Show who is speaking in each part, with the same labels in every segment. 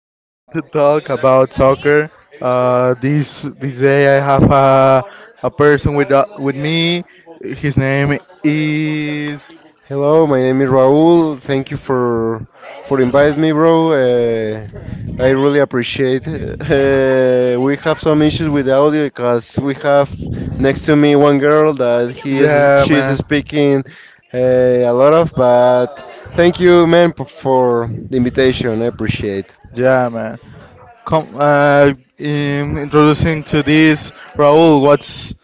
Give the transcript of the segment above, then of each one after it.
Speaker 1: we are going to talk about soccer. This day, I have a person with me. His name is
Speaker 2: Hello, my name is Raul. Thank you for inviting me, bro. I really appreciate. We have some issues with the audio because we have next to me one girl that he is
Speaker 1: yeah,
Speaker 2: she is
Speaker 1: man.
Speaker 2: speaking a lot of. But thank you, man, for the invitation. I appreciate.
Speaker 1: Yeah, man. Come, introducing to this, Raul. What's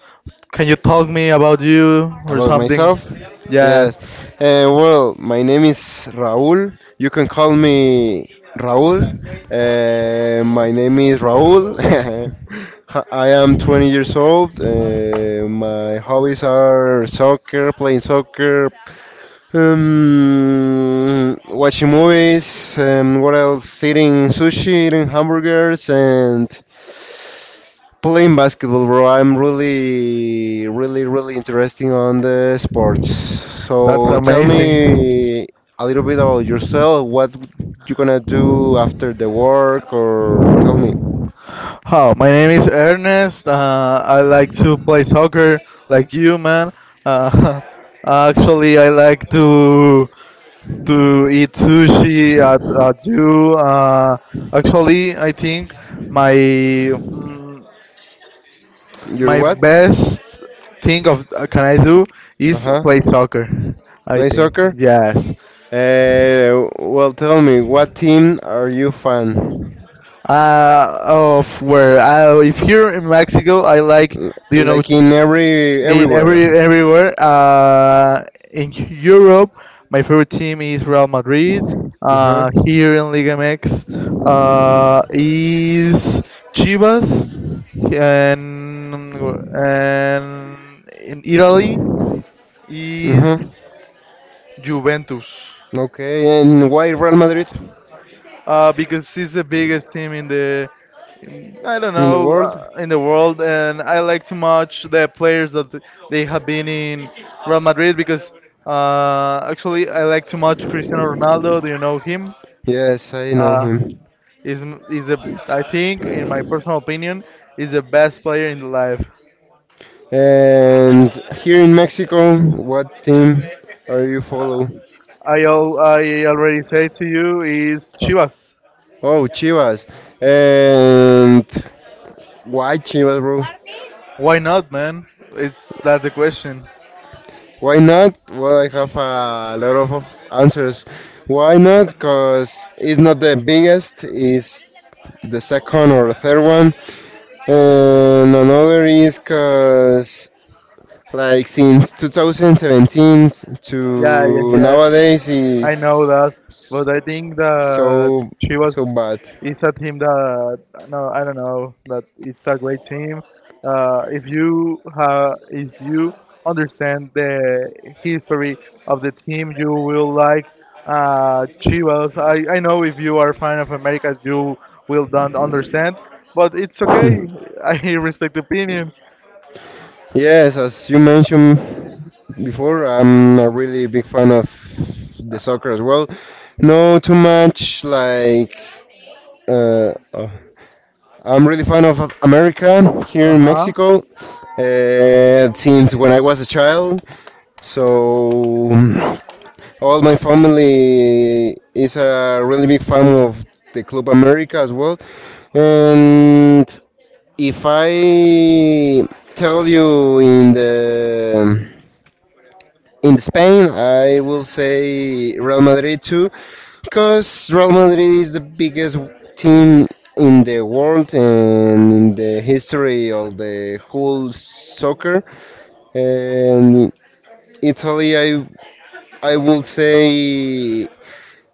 Speaker 1: Can you talk me about you or
Speaker 2: About
Speaker 1: something?
Speaker 2: myself? Yes.
Speaker 1: Yes.
Speaker 2: Well, my name is Raul. You can call me Raul. My name is Raul. I am 20 years old. My hobbies are soccer, playing soccer, watching movies. What else? Eating sushi, eating hamburgers, and playing basketball, bro. I'm really, really, really interesting on the sports.
Speaker 1: That's
Speaker 2: So tell
Speaker 1: amazing.
Speaker 2: me a little bit about yourself. What you gonna do after the work, or tell me
Speaker 1: Hi, my name is Ernest. I like to play soccer like you, man. Uh, actually, I like to eat sushi at you. Actually, I think my mm,
Speaker 2: you're
Speaker 1: my
Speaker 2: what?
Speaker 1: best thing of can I do
Speaker 2: Uh
Speaker 1: is
Speaker 2: huh.
Speaker 1: play soccer. I
Speaker 2: Play
Speaker 1: think
Speaker 2: soccer.
Speaker 1: yes.
Speaker 2: Well, tell me what team are you fan?
Speaker 1: Of where? If here in Mexico, I like,
Speaker 2: L-
Speaker 1: you know,
Speaker 2: like in every
Speaker 1: in
Speaker 2: everywhere.
Speaker 1: everywhere. In Europe, my favorite team is Real Madrid.
Speaker 2: Uh huh.
Speaker 1: Here in Liga MX, is Chivas, and in Italy
Speaker 2: Uh huh.
Speaker 1: is Juventus.
Speaker 2: Okay, and why Real Madrid
Speaker 1: Because it's the biggest team in the, I don't
Speaker 2: in the
Speaker 1: know
Speaker 2: world?
Speaker 1: in the world, and I like too much the players that they have been in Real Madrid because actually I like too much Cristiano Ronaldo. Do you know him?
Speaker 2: Yes, I know
Speaker 1: Uh,
Speaker 2: him.
Speaker 1: is is a I think in my personal opinion is the best player in the life.
Speaker 2: And here in Mexico, what team are you
Speaker 1: Uh,
Speaker 2: follow?
Speaker 1: I already said to you is
Speaker 2: Oh,
Speaker 1: Chivas.
Speaker 2: oh, Chivas. And why Chivas, bro?
Speaker 1: Why not, man? It's That's the question.
Speaker 2: Why not? Well, I have a lot of answers. Why not? Because it's not the biggest, it's the second or third one. And another is because, like, since 2017 to
Speaker 1: Yeah, yes, yes.
Speaker 2: nowadays
Speaker 1: I know
Speaker 2: is
Speaker 1: that,
Speaker 2: s-
Speaker 1: but I think that
Speaker 2: so
Speaker 1: she
Speaker 2: so
Speaker 1: was
Speaker 2: bad.
Speaker 1: is a team that no, I don't know that it's a great team. If you understand the history of the team, you will like Chivas. I know if you are a fan of America, you will don't understand, but it's
Speaker 2: Hmm.
Speaker 1: okay. I respect the opinion.
Speaker 2: Yes, as you mentioned before, I'm a really big fan of the soccer as
Speaker 1: Okay.
Speaker 2: well. No, too much like. Oh. I'm really fan of America here
Speaker 1: Uh
Speaker 2: in
Speaker 1: huh.
Speaker 2: Mexico since when I was a child. So all my family is a really big fan of the Club America as well. And if I tell you in Spain, I will say Real Madrid too, because Real Madrid is the biggest team in the world and in the history of the whole soccer. And Italy, I will say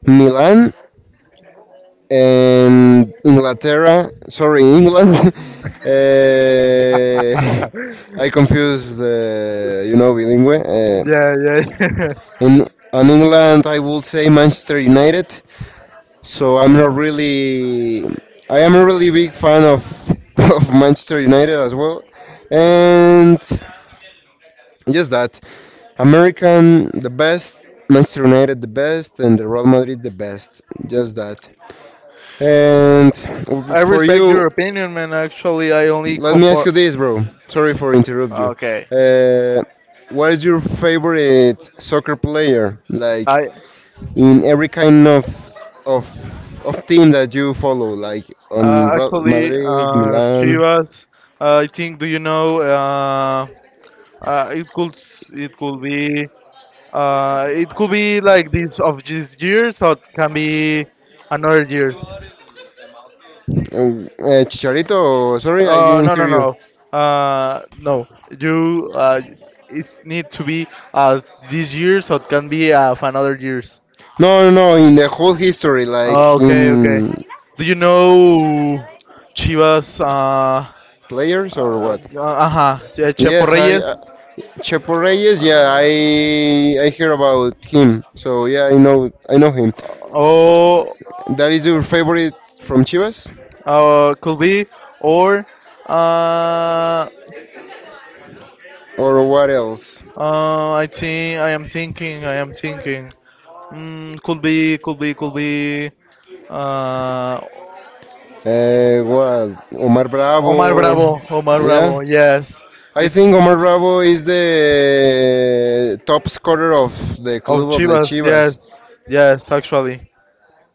Speaker 2: Milan and Inglaterra, sorry, England. uh, I confuse, bilingue.
Speaker 1: And yeah, yeah.
Speaker 2: In on England, I would say Manchester United. So I'm not really, I am a really big fan of of Manchester United as well, and just that American the best, Manchester United the best, and the Real Madrid the best. Just that. And
Speaker 1: I sorry for
Speaker 2: for
Speaker 1: respect you.
Speaker 2: you,
Speaker 1: Your opinion, man. Actually, I only let me ask
Speaker 2: let me ask
Speaker 1: compare.
Speaker 2: you this, bro. Sorry for interrupt you.
Speaker 1: Okay.
Speaker 2: Uh, what is your favorite soccer player? Like
Speaker 1: I
Speaker 2: in every kind of of team that you follow, like on
Speaker 1: what
Speaker 2: Real
Speaker 1: actually
Speaker 2: Madrid, Milan,
Speaker 1: Chivas. I think. Do you know? Uh, it could s- it could be it could be like this of this years or it can be another years.
Speaker 2: Chicharito. Sorry, I didn't
Speaker 1: No no
Speaker 2: hear you.
Speaker 1: no. No. You it's need to be uh this year so it can be of another years.
Speaker 2: No, no, no. In the whole history,
Speaker 1: Oh,
Speaker 2: like
Speaker 1: okay, okay.
Speaker 2: in
Speaker 1: Do you know Chivas?
Speaker 2: players or
Speaker 1: Uh,
Speaker 2: what?
Speaker 1: ajá, Chepo
Speaker 2: Yes, I.
Speaker 1: Reyes.
Speaker 2: Chepo Reyes, yeah,
Speaker 1: Uh,
Speaker 2: I hear about him. So yeah, I know him.
Speaker 1: Oh,
Speaker 2: That is your favorite from Chivas?
Speaker 1: uh, could be or uh,
Speaker 2: Or what else?
Speaker 1: I think I am thinking could be uh,
Speaker 2: What? Omar
Speaker 1: Omar
Speaker 2: Bravo.
Speaker 1: Bravo Omar Bravo
Speaker 2: Yeah.
Speaker 1: yes
Speaker 2: I
Speaker 1: it's
Speaker 2: think Omar Bravo is the top scorer of the
Speaker 1: of
Speaker 2: club of the
Speaker 1: Chivas,
Speaker 2: Chivas.
Speaker 1: yes, yes, actually.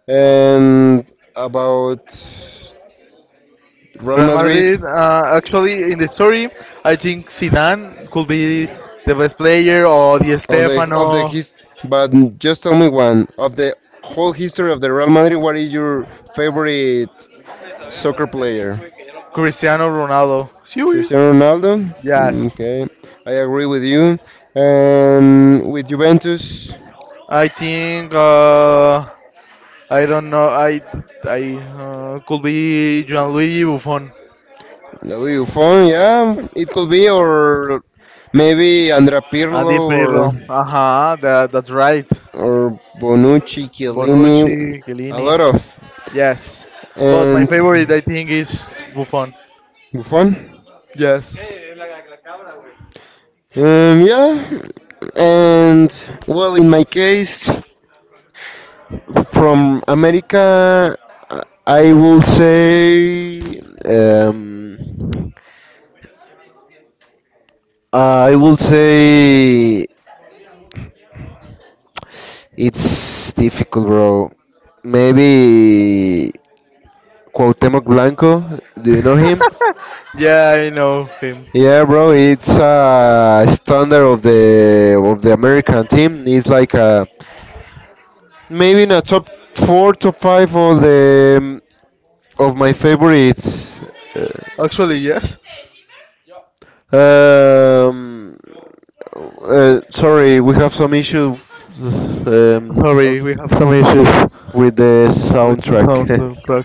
Speaker 2: And about Real
Speaker 1: Real Madrid,
Speaker 2: Madrid
Speaker 1: actually, in the story, I think Zidane could be the best player, or Di
Speaker 2: of the
Speaker 1: Stefano.
Speaker 2: his, but just tell me one of the whole history of the Real Madrid, what is your favorite soccer player?
Speaker 1: Cristiano Ronaldo. Sí, güey.
Speaker 2: Cristiano Ronaldo. Mm,
Speaker 1: Yes,
Speaker 2: okay, I agree with you. And with Juventus,
Speaker 1: I think I don't know. I could be Gianluigi Buffon.
Speaker 2: Louis Buffon. Yeah, it could be, or maybe Andrea
Speaker 1: Andy
Speaker 2: Pirlo
Speaker 1: Pirlo.
Speaker 2: or
Speaker 1: Aha, that's right.
Speaker 2: or Bonucci, Chiellini.
Speaker 1: Bonucci,
Speaker 2: A
Speaker 1: Chiellini.
Speaker 2: lot of,
Speaker 1: Yes, but my favorite
Speaker 2: and
Speaker 1: I think is Buffon.
Speaker 2: Buffon.
Speaker 1: Yes.
Speaker 2: Yeah, and well, in my case, from America, I will say um, I would say it's difficult, bro. Maybe Cuauhtemoc Blanco. Do you know him?
Speaker 1: yeah, I know him.
Speaker 2: Yeah, bro. It's a standard of the American team. It's like a maybe in a top four, top five of my favorite.
Speaker 1: Actually, yes.
Speaker 2: Uh, um, Sorry, we have some issue, um,
Speaker 1: Sorry,
Speaker 2: ok-
Speaker 1: we have some issues
Speaker 2: with the
Speaker 1: with the sound
Speaker 2: soundtrack.
Speaker 1: on track.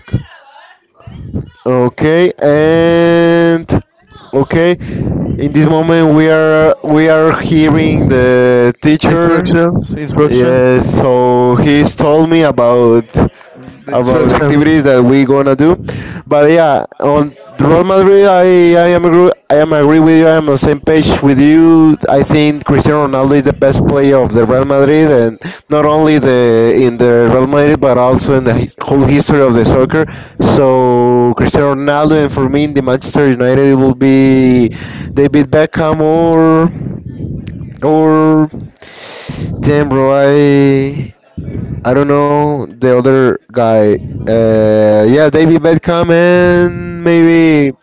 Speaker 2: Okay, and okay, in this moment we are hearing the teacher.
Speaker 1: Instructions, instructions,
Speaker 2: Yes, so he's told me about
Speaker 1: the
Speaker 2: about the
Speaker 1: instructions.
Speaker 2: activities that we gonna do. But yeah, on Real Madrid, I am agree with you. I am on the same page with you. I think Cristiano Ronaldo is the best player of the Real Madrid, and not only the in the Real Madrid, but also in the whole history of the soccer. So Cristiano Ronaldo, and for me, in the Manchester United, it will be David Beckham, or damn bro, I don't know the other guy. Yeah, David Beckham and maybe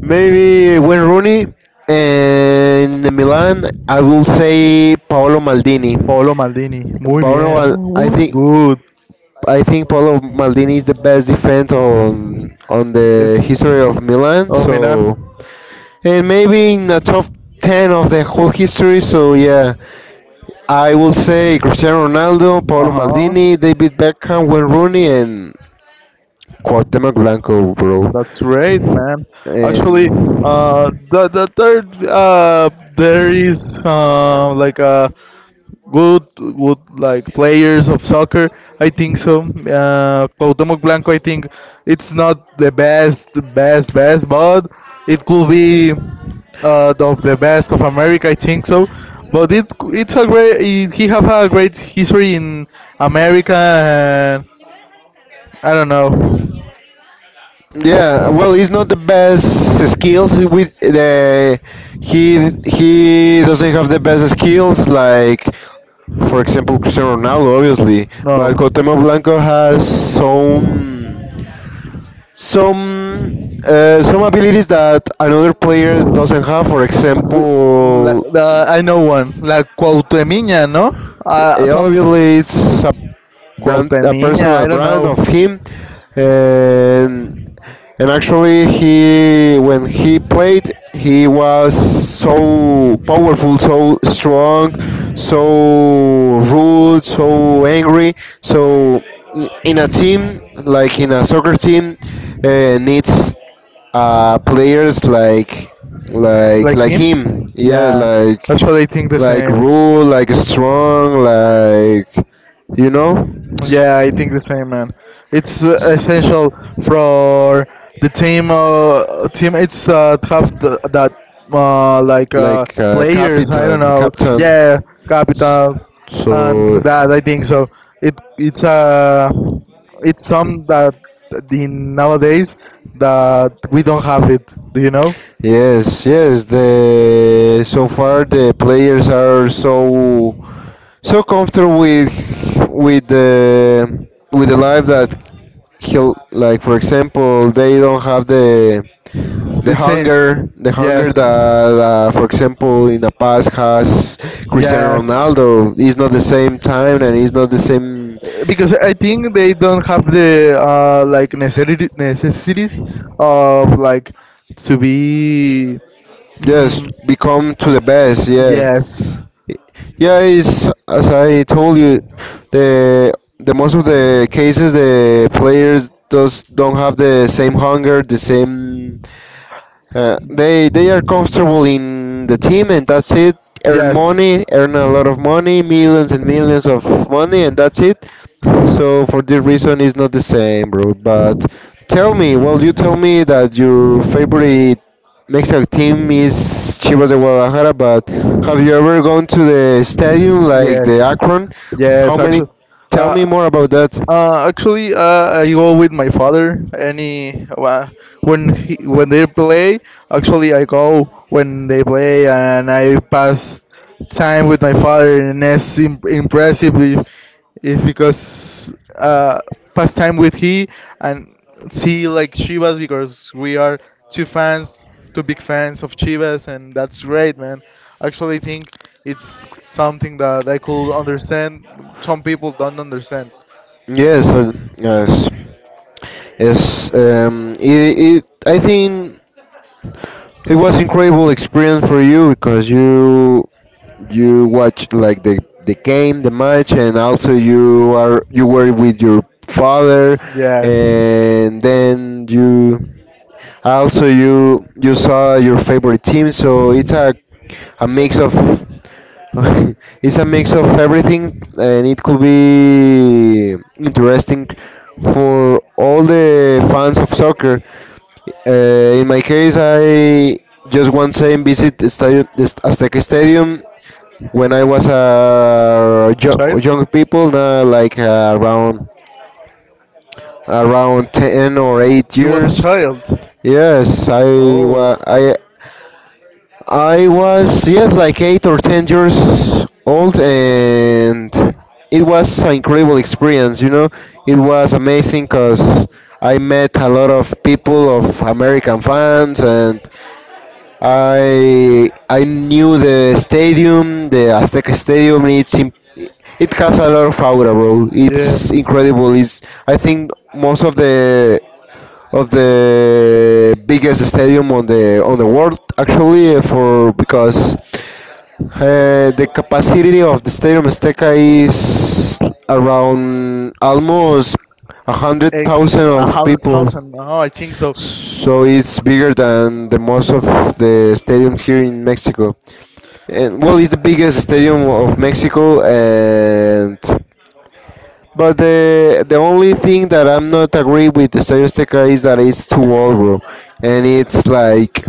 Speaker 2: maybe Wayne Rooney, and in Milan, I will say Paolo Maldini.
Speaker 1: Paolo Maldini, muy
Speaker 2: Paolo,
Speaker 1: bien.
Speaker 2: Mal- I
Speaker 1: Good,
Speaker 2: think
Speaker 1: good.
Speaker 2: I think Paolo Maldini is the best defense on the
Speaker 1: It's
Speaker 2: history of Milan.
Speaker 1: Oh,
Speaker 2: So
Speaker 1: Milan.
Speaker 2: and maybe in the top ten of the whole history. So yeah, I will say Cristiano Ronaldo,
Speaker 1: Uh
Speaker 2: Paolo
Speaker 1: huh.
Speaker 2: Maldini, David Beckham, Wayne Rooney, and Cuauhtemoc Blanco, bro.
Speaker 1: That's great, man. Actually,
Speaker 2: And
Speaker 1: the third there is like a good like players of soccer. I think so. Cuauhtémoc Blanco, I think it's not the best, best, best, but it could be of the best of America. I think so. But it's a great. He have a great history in America. And I don't know.
Speaker 2: yeah, well, he's not the best skills with the, he doesn't have the best skills like, for example, Cristiano Ronaldo obviously, but
Speaker 1: No.
Speaker 2: Cuauhtemoc Blanco has some some some abilities that another player doesn't have. For
Speaker 1: Like,
Speaker 2: example,
Speaker 1: I know one, like Cuauhtemiña, no? Some.
Speaker 2: Obviously it's a brand, a
Speaker 1: Cuauhtemiña,
Speaker 2: personal
Speaker 1: I don't
Speaker 2: brand of
Speaker 1: know.
Speaker 2: him, and and actually he when he played he was so powerful, so strong, so rude, so angry. So in a team, like in a soccer team, needs players like like
Speaker 1: Like
Speaker 2: like
Speaker 1: him?
Speaker 2: him. Yeah,
Speaker 1: Yes.
Speaker 2: like
Speaker 1: Actually, I think the
Speaker 2: like
Speaker 1: same.
Speaker 2: rule, like strong, like you know, s-
Speaker 1: Yeah, I think the same, man. It's
Speaker 2: s-
Speaker 1: essential for the team. Team, it's tough that like
Speaker 2: like
Speaker 1: players. I don't
Speaker 2: captain,
Speaker 1: know.
Speaker 2: captain.
Speaker 1: Yeah, capitals and
Speaker 2: So
Speaker 1: that. I think so. It it's uh it's some that in nowadays that we don't have it. Do you know?
Speaker 2: yes, yes. The so far the players are so comfortable with the life that he'll like. For example, they don't have the
Speaker 1: The same.
Speaker 2: hunger the
Speaker 1: Yes.
Speaker 2: hunger that for example in the past has. Cristiano
Speaker 1: Yes.
Speaker 2: Ronaldo is not the same time and is not the same.
Speaker 1: because I think they don't have the like necessity necessities of like to be.
Speaker 2: Yes,
Speaker 1: Mm,
Speaker 2: become to the best, yeah.
Speaker 1: yes.
Speaker 2: Yeah, it's as I told you, the the most of the cases the players does don't have the same hunger, the same. They are comfortable in the team and that's it, earn money, earn a lot of money, millions and millions of money, and that's it. So for this reason, it's not the same, bro. But tell me, well, you tell me that your favorite Mexican team is Chivas de Guadalajara, but have you ever
Speaker 1: Yes.
Speaker 2: gone to the stadium like the
Speaker 1: Yes.
Speaker 2: Akron? How
Speaker 1: Yes,
Speaker 2: many?
Speaker 1: actually.
Speaker 2: Tell
Speaker 1: Uh,
Speaker 2: me more about that.
Speaker 1: actually, I go with my father. When they play, actually I go when they play, and I pass time with my father, and that's impressive. If because uh, pass time with he and see like Chivas because we are two fans, two big fans of Chivas, and that's great, man. Actually, I think it's something that I could understand. Some people don't understand.
Speaker 2: Yes, yes, yes. I think. It was incredible experience for you because you watch like the game, the match, and also you were with your father,
Speaker 1: Yes.
Speaker 2: and then you also, you saw your favorite team, so it's a mix of it's a mix of everything, and it could be interesting for all the fans of soccer. In my case, I just one time visit the stadium, this Azteca Stadium, when I was a young, young people, now like around ten or eight
Speaker 1: You was a
Speaker 2: years.
Speaker 1: child.
Speaker 2: Yes, I wa
Speaker 1: Oh.
Speaker 2: I was yes, like 8 or 10 years old, and it was an incredible experience. You know, it was amazing because I met a lot of people of American fans, and I knew the stadium, the Azteca Stadium. It's it has a lot of aura, bro. It's
Speaker 1: Yes.
Speaker 2: incredible. It's I think most of the biggest stadium on the world, actually, for because the capacity of the stadium Azteca is around almost 100,000
Speaker 1: Of
Speaker 2: of
Speaker 1: hundred
Speaker 2: people,
Speaker 1: thousand. Oh, I think so.
Speaker 2: so it's bigger than the most of the stadiums here in Mexico, and well, it's the biggest stadium of Mexico, and but the only thing that I'm not agree with the Statista is that it's too old, bro, and it's like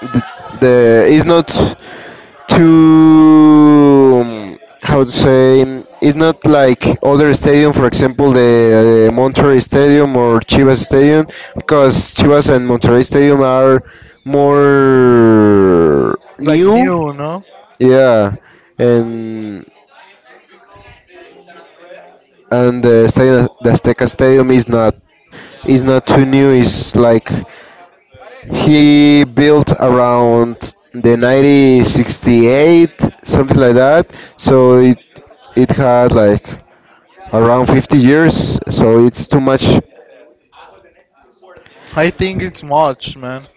Speaker 2: the, the it's not too, how to say, it's not like other stadium, for example, the Monterrey Stadium or Chivas Stadium, because Chivas and Monterrey Stadium are more
Speaker 1: Like
Speaker 2: new,
Speaker 1: new, no?
Speaker 2: yeah, and and the stadium, the Azteca Stadium is not too new. It's like he built around the 1968, something like that. So it had like around 50 years. So it's too much.
Speaker 1: I think it's much, man.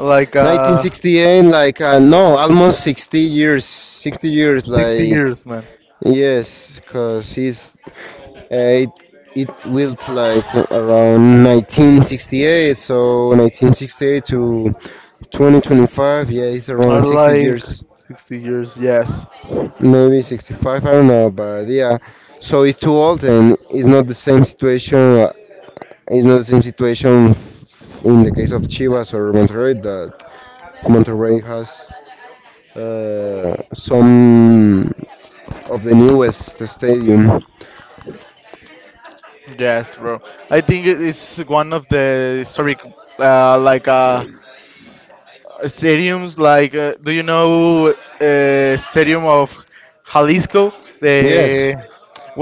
Speaker 1: Like
Speaker 2: 1968, like no, almost 60 years. 60 years,
Speaker 1: 60 like
Speaker 2: like
Speaker 1: years, man.
Speaker 2: yes, cause he's uh, it it built like around 1968. So 1968 to 2025, yeah, it's
Speaker 1: Or
Speaker 2: around 60
Speaker 1: like
Speaker 2: years.
Speaker 1: 60 years. Yes.
Speaker 2: Maybe 65, I don't know, but yeah. So it's too old and it's not the same situation, it's not the same situation in the case of Chivas or Monterrey, that Monterrey has some of the newest stadium.
Speaker 1: Yes, bro. I think it is one of the historic, like, stadiums. Like, do you know Stadium of Jalisco?
Speaker 2: Yes,
Speaker 1: The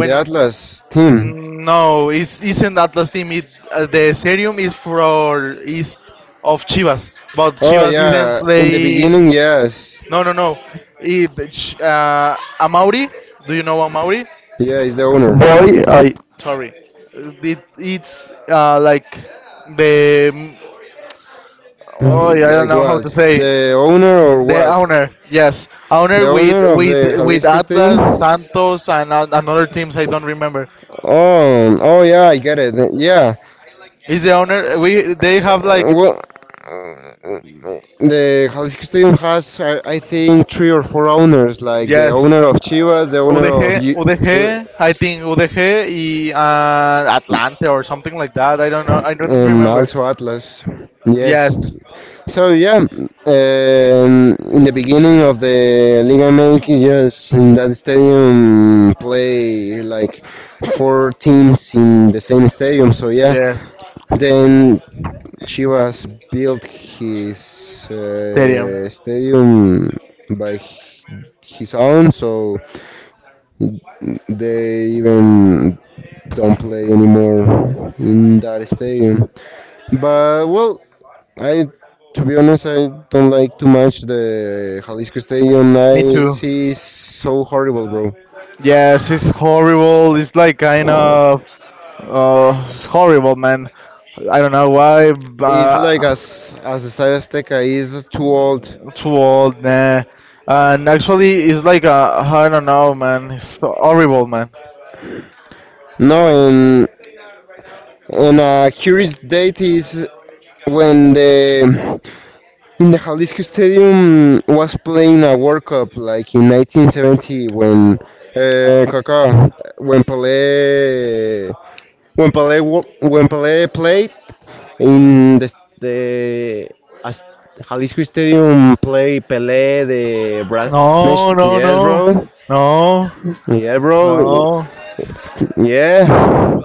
Speaker 2: the Atlas team.
Speaker 1: No, it's isn't Atlas team. It the stadium is of Chivas, but
Speaker 2: Oh
Speaker 1: Chivas didn't
Speaker 2: yeah, in the
Speaker 1: play.
Speaker 2: beginning, yes.
Speaker 1: No, no, no. It, Amauri. Do you know Amauri?
Speaker 2: Yeah, it's the owner.
Speaker 1: Boy, I sorry, it's like the oh, I don't
Speaker 2: Like
Speaker 1: know how
Speaker 2: what?
Speaker 1: to say.
Speaker 2: The owner or
Speaker 1: The
Speaker 2: what?
Speaker 1: owner, yes,
Speaker 2: The
Speaker 1: owner with
Speaker 2: owner of
Speaker 1: with
Speaker 2: the
Speaker 1: with
Speaker 2: Jalisco Stadium?
Speaker 1: Atlas, Santos, and another teams, I don't remember.
Speaker 2: Oh yeah, I get it. Yeah.
Speaker 1: Is the owner, we they have like.
Speaker 2: Well, uh, the Jalisco Stadium has, I think, three or four owners, like the
Speaker 1: Yes.
Speaker 2: owner of Chivas, the
Speaker 1: uh,
Speaker 2: owner
Speaker 1: udg
Speaker 2: of
Speaker 1: UDG,
Speaker 2: well,
Speaker 1: I think UDG y, atlante or something like that, I don't know, I don't
Speaker 2: and
Speaker 1: remember.
Speaker 2: also Atlas. Yes.
Speaker 1: Yes.
Speaker 2: So yeah, in the beginning of the Liga MX, yes, in that stadium play like four teams in the same stadium. So yeah,
Speaker 1: Yes.
Speaker 2: then Chivas built his
Speaker 1: Stadium.
Speaker 2: stadium by his own, so they even don't play anymore in that stadium. But well, I to be honest, I don't like too much the Jalisco Stadium.
Speaker 1: Me
Speaker 2: I
Speaker 1: too.
Speaker 2: see it's so horrible, bro.
Speaker 1: Yes, it's horrible. It's like kind of uh, horrible, man. I don't know why.
Speaker 2: It's like
Speaker 1: But,
Speaker 2: as Estadio Azteca is too old.
Speaker 1: Too old, nah. And actually, it's like a, I don't know, man. It's so horrible, man.
Speaker 2: No, and on a curious date is, when the in the Jalisco Stadium was playing a World Cup, like in 1970, when Kaká when Pelé when Pelé wo- when Pelé played in the as Jalisco Stadium. Play Pelé
Speaker 1: No, no,
Speaker 2: Yes,
Speaker 1: no,
Speaker 2: bro.
Speaker 1: no,
Speaker 2: Yeah, bro.
Speaker 1: no,
Speaker 2: Yeah.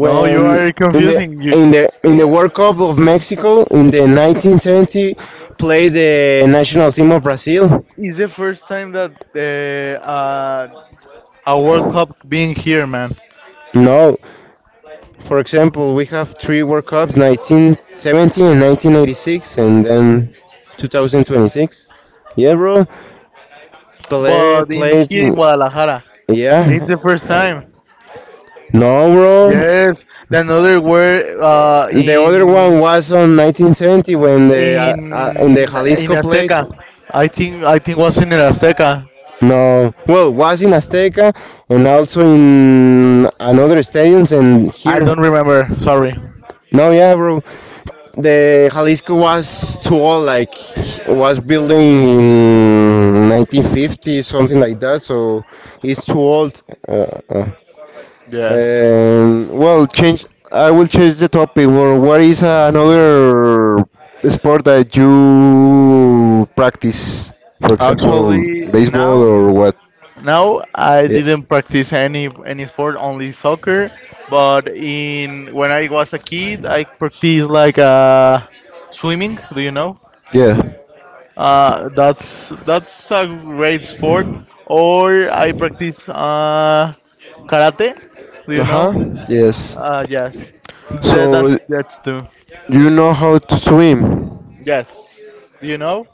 Speaker 1: no. You are
Speaker 2: in
Speaker 1: confusing. You.
Speaker 2: the
Speaker 1: Yeah.
Speaker 2: World Cup of Mexico in the 1970 played the national team of Brazil?
Speaker 1: It's the first time that a World Cup being here, man.
Speaker 2: No. For example, we have three World Cups: 1970 and 1986, and then 2026. Yeah, bro. Pelé
Speaker 1: But in
Speaker 2: played.
Speaker 1: here in Guadalajara, it's
Speaker 2: Yeah.
Speaker 1: the first time.
Speaker 2: No, bro.
Speaker 1: Yes, the another were
Speaker 2: The other one
Speaker 1: in
Speaker 2: was on 1970 when the
Speaker 1: In
Speaker 2: in the
Speaker 1: in
Speaker 2: Jalisco played.
Speaker 1: Azteca, I think was in Azteca.
Speaker 2: No, well, was in Azteca and also in another stadiums and
Speaker 1: I
Speaker 2: here.
Speaker 1: don't remember. Sorry.
Speaker 2: No, yeah, bro. The Jalisco was too old, like, was building in 1950, something like that. So it's too old. Uh, uh,
Speaker 1: Yes.
Speaker 2: well, change. I will change the topic. Well, what is another sport that you practice? For example,
Speaker 1: Actually,
Speaker 2: baseball
Speaker 1: now.
Speaker 2: or what?
Speaker 1: Now I
Speaker 2: Yeah.
Speaker 1: didn't practice any sport, only soccer. But in when I was a kid, I practiced like swimming. Do you know?
Speaker 2: Yeah.
Speaker 1: That's a great sport. Or I practice karate. Do you know?
Speaker 2: Uh-huh. Yes.
Speaker 1: Yes. That, that's
Speaker 2: So,
Speaker 1: that's two.
Speaker 2: you know how to swim?
Speaker 1: Yes. Do you know?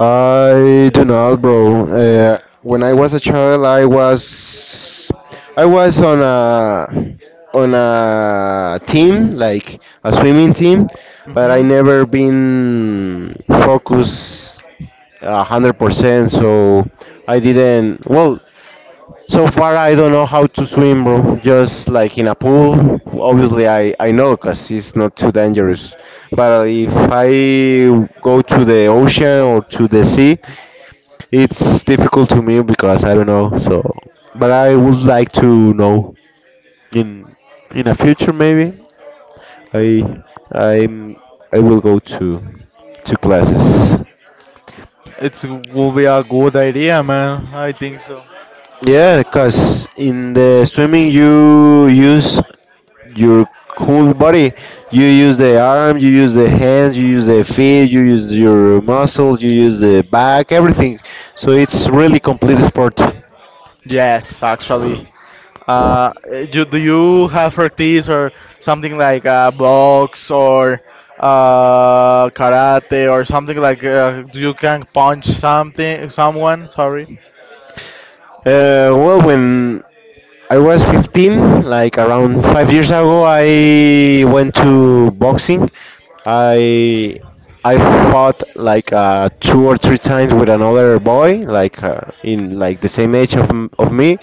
Speaker 2: I do not, bro. When I was a child, I was on a team, like a swimming team, but I
Speaker 1: Hmm.
Speaker 2: never been focused 100%. So, I didn't. Well, so far, I don't know how to swim, bro. Just like in a pool. Obviously, I know, because it's not too dangerous. But if I go to the ocean or to the sea, it's difficult to me, because I don't know. So, but I would like to know in a future maybe. I I'm I will go to classes.
Speaker 1: It's will be a good idea, man. I think so.
Speaker 2: Yeah, because in the swimming you use your whole body. You use the arm, you use the hands, you use the feet, you use your muscles, you use the back, everything. So it's really complete sport.
Speaker 1: Yes, actually. Do you have practice or something like box or karate or something like you can punch something someone? Sorry.
Speaker 2: Well, when I was 15, like around 5 years ago, I went to boxing. I I fought like two or three times with another boy, like in like the same age of me.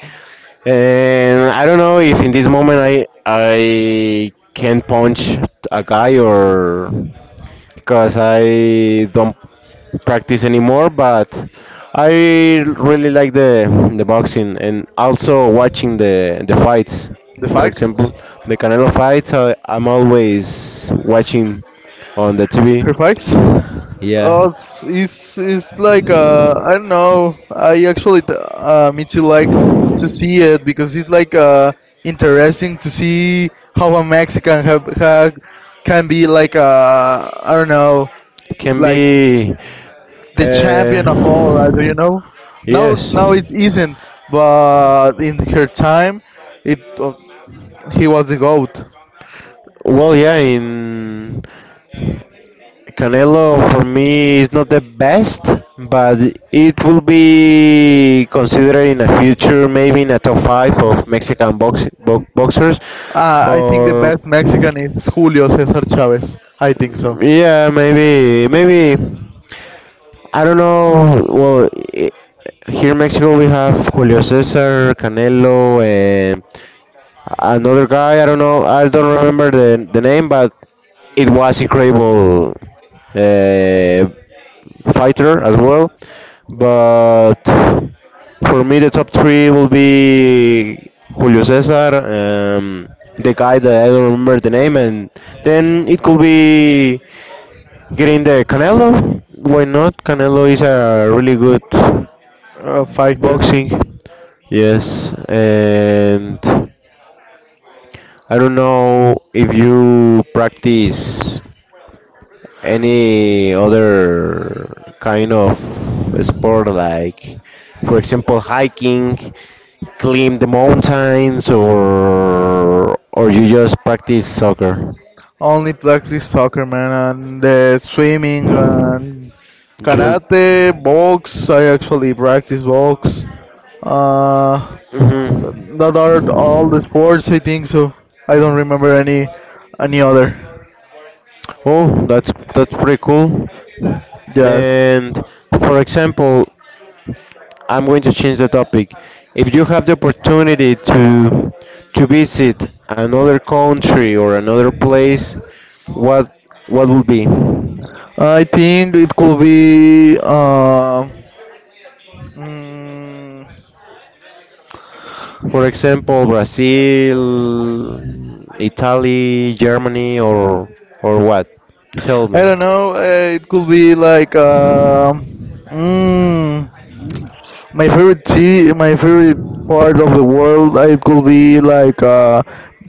Speaker 2: And I don't know if in this moment I can punch a guy, or because I don't practice anymore. But I really like the boxing and also watching the fights.
Speaker 1: The
Speaker 2: For
Speaker 1: facts?
Speaker 2: example, the Canelo fights. I'm always watching on the TV.
Speaker 1: Perfect.
Speaker 2: Yeah,
Speaker 1: Oh, it's like I don't know. Me too like to see it because it's like interesting to see how a Mexican have, ha can be like I don't know,
Speaker 2: can
Speaker 1: like
Speaker 2: be.
Speaker 1: the champion of all. I Do you
Speaker 2: Uh,
Speaker 1: know? Now
Speaker 2: yes.
Speaker 1: now it isn't, but in her time, it he was the goat.
Speaker 2: Well, yeah. In Canelo for me is not the best, but it will be considered in a future, maybe in a top five of Mexican boxers,
Speaker 1: I think the
Speaker 2: or
Speaker 1: best Mexican is Julio Cesar Chavez. I think so.
Speaker 2: yeah, maybe I don't know. Well, i- here in Mexico we have Julio Cesar, Canelo, and another guy. I don't know. I don't remember the name, but it was incredible, uh, fighter as well. But for me, the top three will be Julio Cesar, the guy that I don't remember the name, and then it could be getting the Canelo. Why not? Canelo is a really good
Speaker 1: A fighter.
Speaker 2: boxing. Yes, and I don't know if you practice any other kind of sport, like for example hiking, climb the mountains, or you just practice soccer,
Speaker 1: Only practice soccer, man, and swimming and
Speaker 2: you.
Speaker 1: karate, box. I actually practice box. Uh,
Speaker 2: Mhm.
Speaker 1: that are all the sports, I think. So I don't remember any other.
Speaker 2: Oh, that's pretty cool.
Speaker 1: Yes,
Speaker 2: And for example, I'm going to change the topic. If you have the opportunity to visit another country or another place, what would be?
Speaker 1: I think it could be. Mm,
Speaker 2: For example, Brazil, Italy, Germany, or what? Tell
Speaker 1: I
Speaker 2: me.
Speaker 1: don't know. It could be like. Mm, my favorite part of the world, it could be like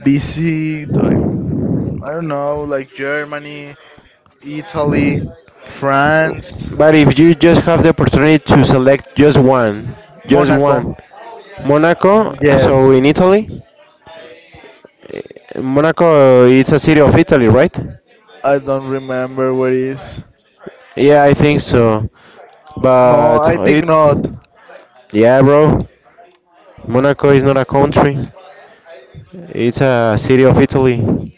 Speaker 1: BC, I don't know, like Germany, Italy, France,
Speaker 2: But if you just have the opportunity to select just
Speaker 1: Monaco.
Speaker 2: one, Monaco.
Speaker 1: Yes,
Speaker 2: So in Italy, Monaco it's a city of Italy, right?
Speaker 1: I don't remember where it is.
Speaker 2: Yeah, I think so.
Speaker 1: No,
Speaker 2: But
Speaker 1: I think
Speaker 2: it,
Speaker 1: not.
Speaker 2: yeah, bro. Monaco is not a country. It's a city of Italy,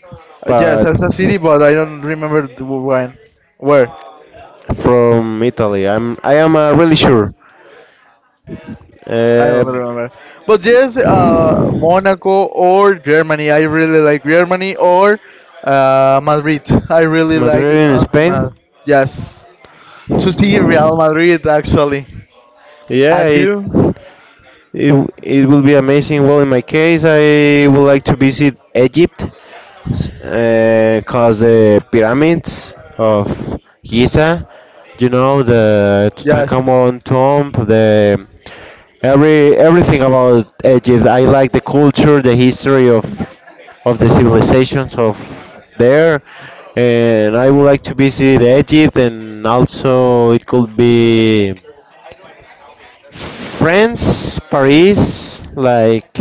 Speaker 1: Yes,
Speaker 2: but
Speaker 1: as a city, but I don't remember when. Where?
Speaker 2: from Italy. I am really sure.
Speaker 1: I
Speaker 2: Uh,
Speaker 1: don't remember. But yes,
Speaker 2: Madrid
Speaker 1: Monaco or Germany. I really like Germany or Madrid. I really like
Speaker 2: in
Speaker 1: uh,
Speaker 2: Spain?
Speaker 1: Ma- Yes, to see Real Madrid actually.
Speaker 2: Yeah,
Speaker 1: And you?
Speaker 2: it it will be amazing. Well, in my case, I would like to visit Egypt, because the pyramids of Giza, the
Speaker 1: Yes.
Speaker 2: Tutankhamun tomb, the everything about Egypt. I like the culture, the history of the civilizations of there, and I would like to visit Egypt, and also it could be France, Paris, like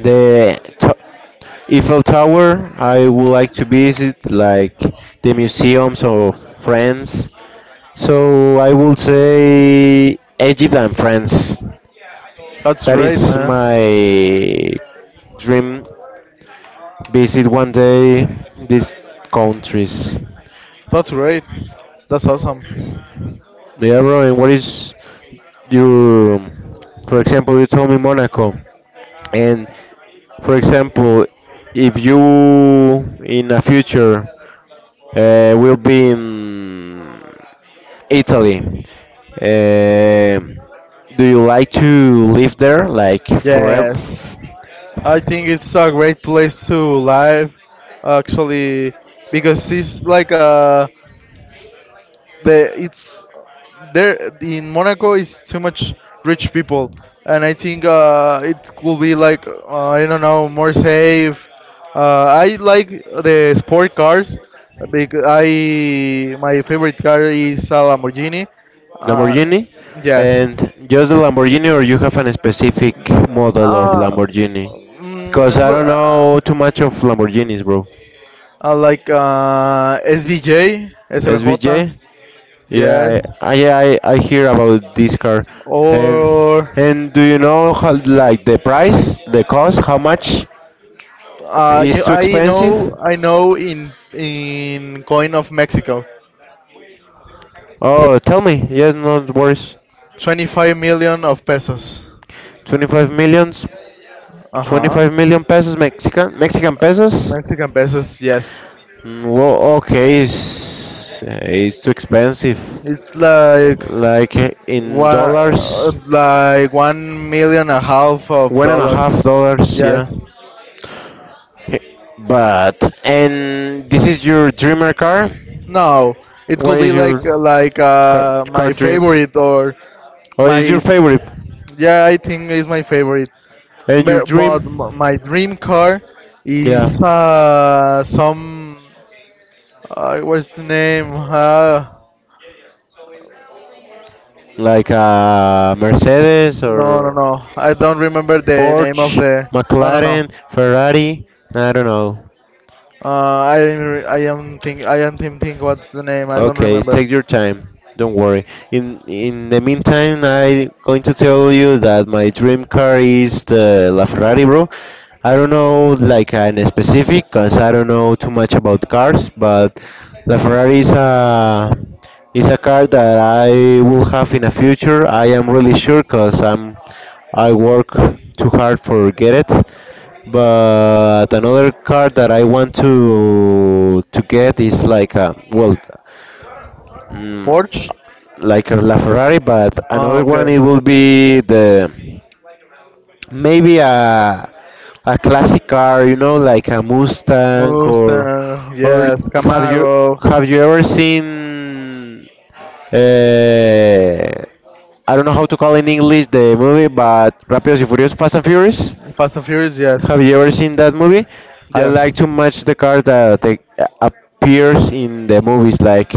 Speaker 2: the Eiffel Tower. I would like to visit like the museums of France. So I will say Egypt and France.
Speaker 1: That's
Speaker 2: That
Speaker 1: great,
Speaker 2: is
Speaker 1: man.
Speaker 2: my dream, visit one day these countries.
Speaker 1: That's great. That's awesome.
Speaker 2: Yeah, bro. And what is your, for example, you told me Monaco, and for example, if you in a future will be in Italy, uh, do you like to live there like forever?
Speaker 1: Yes. I think it's a great place to live actually because it's like a the it's there in Monaco is too much rich people, and I think it could be like I don't know more safe. I like the sport cars because I my favorite car is a Lamborghini. Uh,
Speaker 2: Lamborghini,
Speaker 1: yes.
Speaker 2: and just the Lamborghini, or you have a specific model of
Speaker 1: Uh,
Speaker 2: Lamborghini? Cause I
Speaker 1: but,
Speaker 2: don't know too much of Lamborghinis, bro.
Speaker 1: I like SVJ.
Speaker 2: SVJ? Yeah, I
Speaker 1: Yes.
Speaker 2: I I I hear about this car, and
Speaker 1: Or
Speaker 2: do you know how, like, the price, the cost, how much? Is too
Speaker 1: I know,
Speaker 2: expensive?
Speaker 1: I know in coin of Mexico,
Speaker 2: Oh, tell me. Yes, not worse.
Speaker 1: 25 million of pesos.
Speaker 2: 25 millions,
Speaker 1: Uh huh.
Speaker 2: 25 million pesos, Mexican pesos.
Speaker 1: Mexican pesos, yes.
Speaker 2: Mm. Well, okay, it's too expensive.
Speaker 1: It's
Speaker 2: Like in dollars,
Speaker 1: like 1 million and a half of
Speaker 2: one and a
Speaker 1: dollars.
Speaker 2: half dollars. Yeah.
Speaker 1: Yes.
Speaker 2: Hey, but and this is your dreamer car?
Speaker 1: No, it
Speaker 2: What
Speaker 1: could
Speaker 2: is
Speaker 1: be like
Speaker 2: your car, car
Speaker 1: my
Speaker 2: dream?
Speaker 1: favorite or
Speaker 2: What is
Speaker 1: my
Speaker 2: your favorite?
Speaker 1: yeah, I think is my favorite.
Speaker 2: And your
Speaker 1: But,
Speaker 2: dream?
Speaker 1: my dream car
Speaker 2: Yeah,
Speaker 1: is some. What's the name?
Speaker 2: like Mercedes
Speaker 1: No, no,
Speaker 2: or
Speaker 1: no. I don't remember the name of
Speaker 2: Porsche,
Speaker 1: the. No, no, no.
Speaker 2: McLaren, Ferrari. I don't know.
Speaker 1: I am think what's the name? I don't
Speaker 2: Okay,
Speaker 1: remember.
Speaker 2: take your time. Don't worry. In the meantime, I going to tell you that my dream car is the LaFerrari, bro. I don't know like an specific, cause I don't know too much about cars, but LaFerrari is a car that I will have in a future. I am really sure, cause I work too hard for get it. But another car that I want to get is like a, well, mm,
Speaker 1: Porsche.
Speaker 2: like a LaFerrari, but another one
Speaker 1: Okay.
Speaker 2: it will be the, maybe a classic car, like a Mustang,
Speaker 1: Mustang.
Speaker 2: or
Speaker 1: Yes.
Speaker 2: have you
Speaker 1: Camaro.
Speaker 2: have you ever seen uh, I don't know how to call in English the movie, but Rápidos y Furiosos, Fast and Furious.
Speaker 1: Fast and Furious.
Speaker 2: Have
Speaker 1: Yes.
Speaker 2: you ever seen that movie? I
Speaker 1: Yes.
Speaker 2: like too much the cars that they appears in the movies, like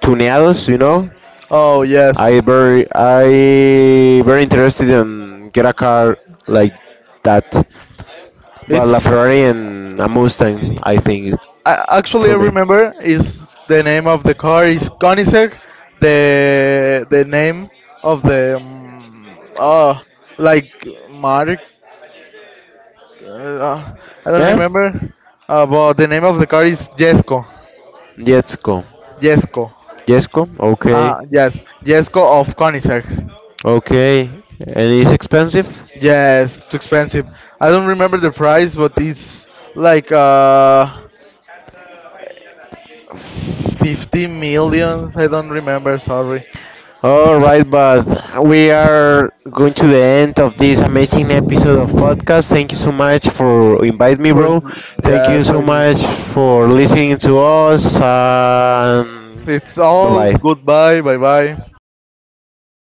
Speaker 2: tuneados,
Speaker 1: Oh, yes.
Speaker 2: I very interested in get a car like that, but La
Speaker 1: It's
Speaker 2: Ferrari and a Mustang I think
Speaker 1: I, actually, I
Speaker 2: for me.
Speaker 1: remember is the name of the car is Koenigsegg. The name of the oh like Mark. Uh, I don't
Speaker 2: Eh?
Speaker 1: remember. But the name of the car is Jesko.
Speaker 2: Jetsko.
Speaker 1: Jesko.
Speaker 2: Jetsko. Okay.
Speaker 1: Ah, yes, Jesko of Koenigsegg.
Speaker 2: Okay. And it's expensive.
Speaker 1: Yes, too expensive. I don't remember the price, but it's like 50 millions. I don't remember. Sorry.
Speaker 2: All right, but we are going to the end of this amazing episode of podcast. Thank you so much for invite me,
Speaker 1: For,
Speaker 2: bro. Thank
Speaker 1: yeah,
Speaker 2: you so
Speaker 1: so.
Speaker 2: much for listening to us. And
Speaker 1: It's
Speaker 2: bye
Speaker 1: all
Speaker 2: bye.
Speaker 1: goodbye, bye, bye.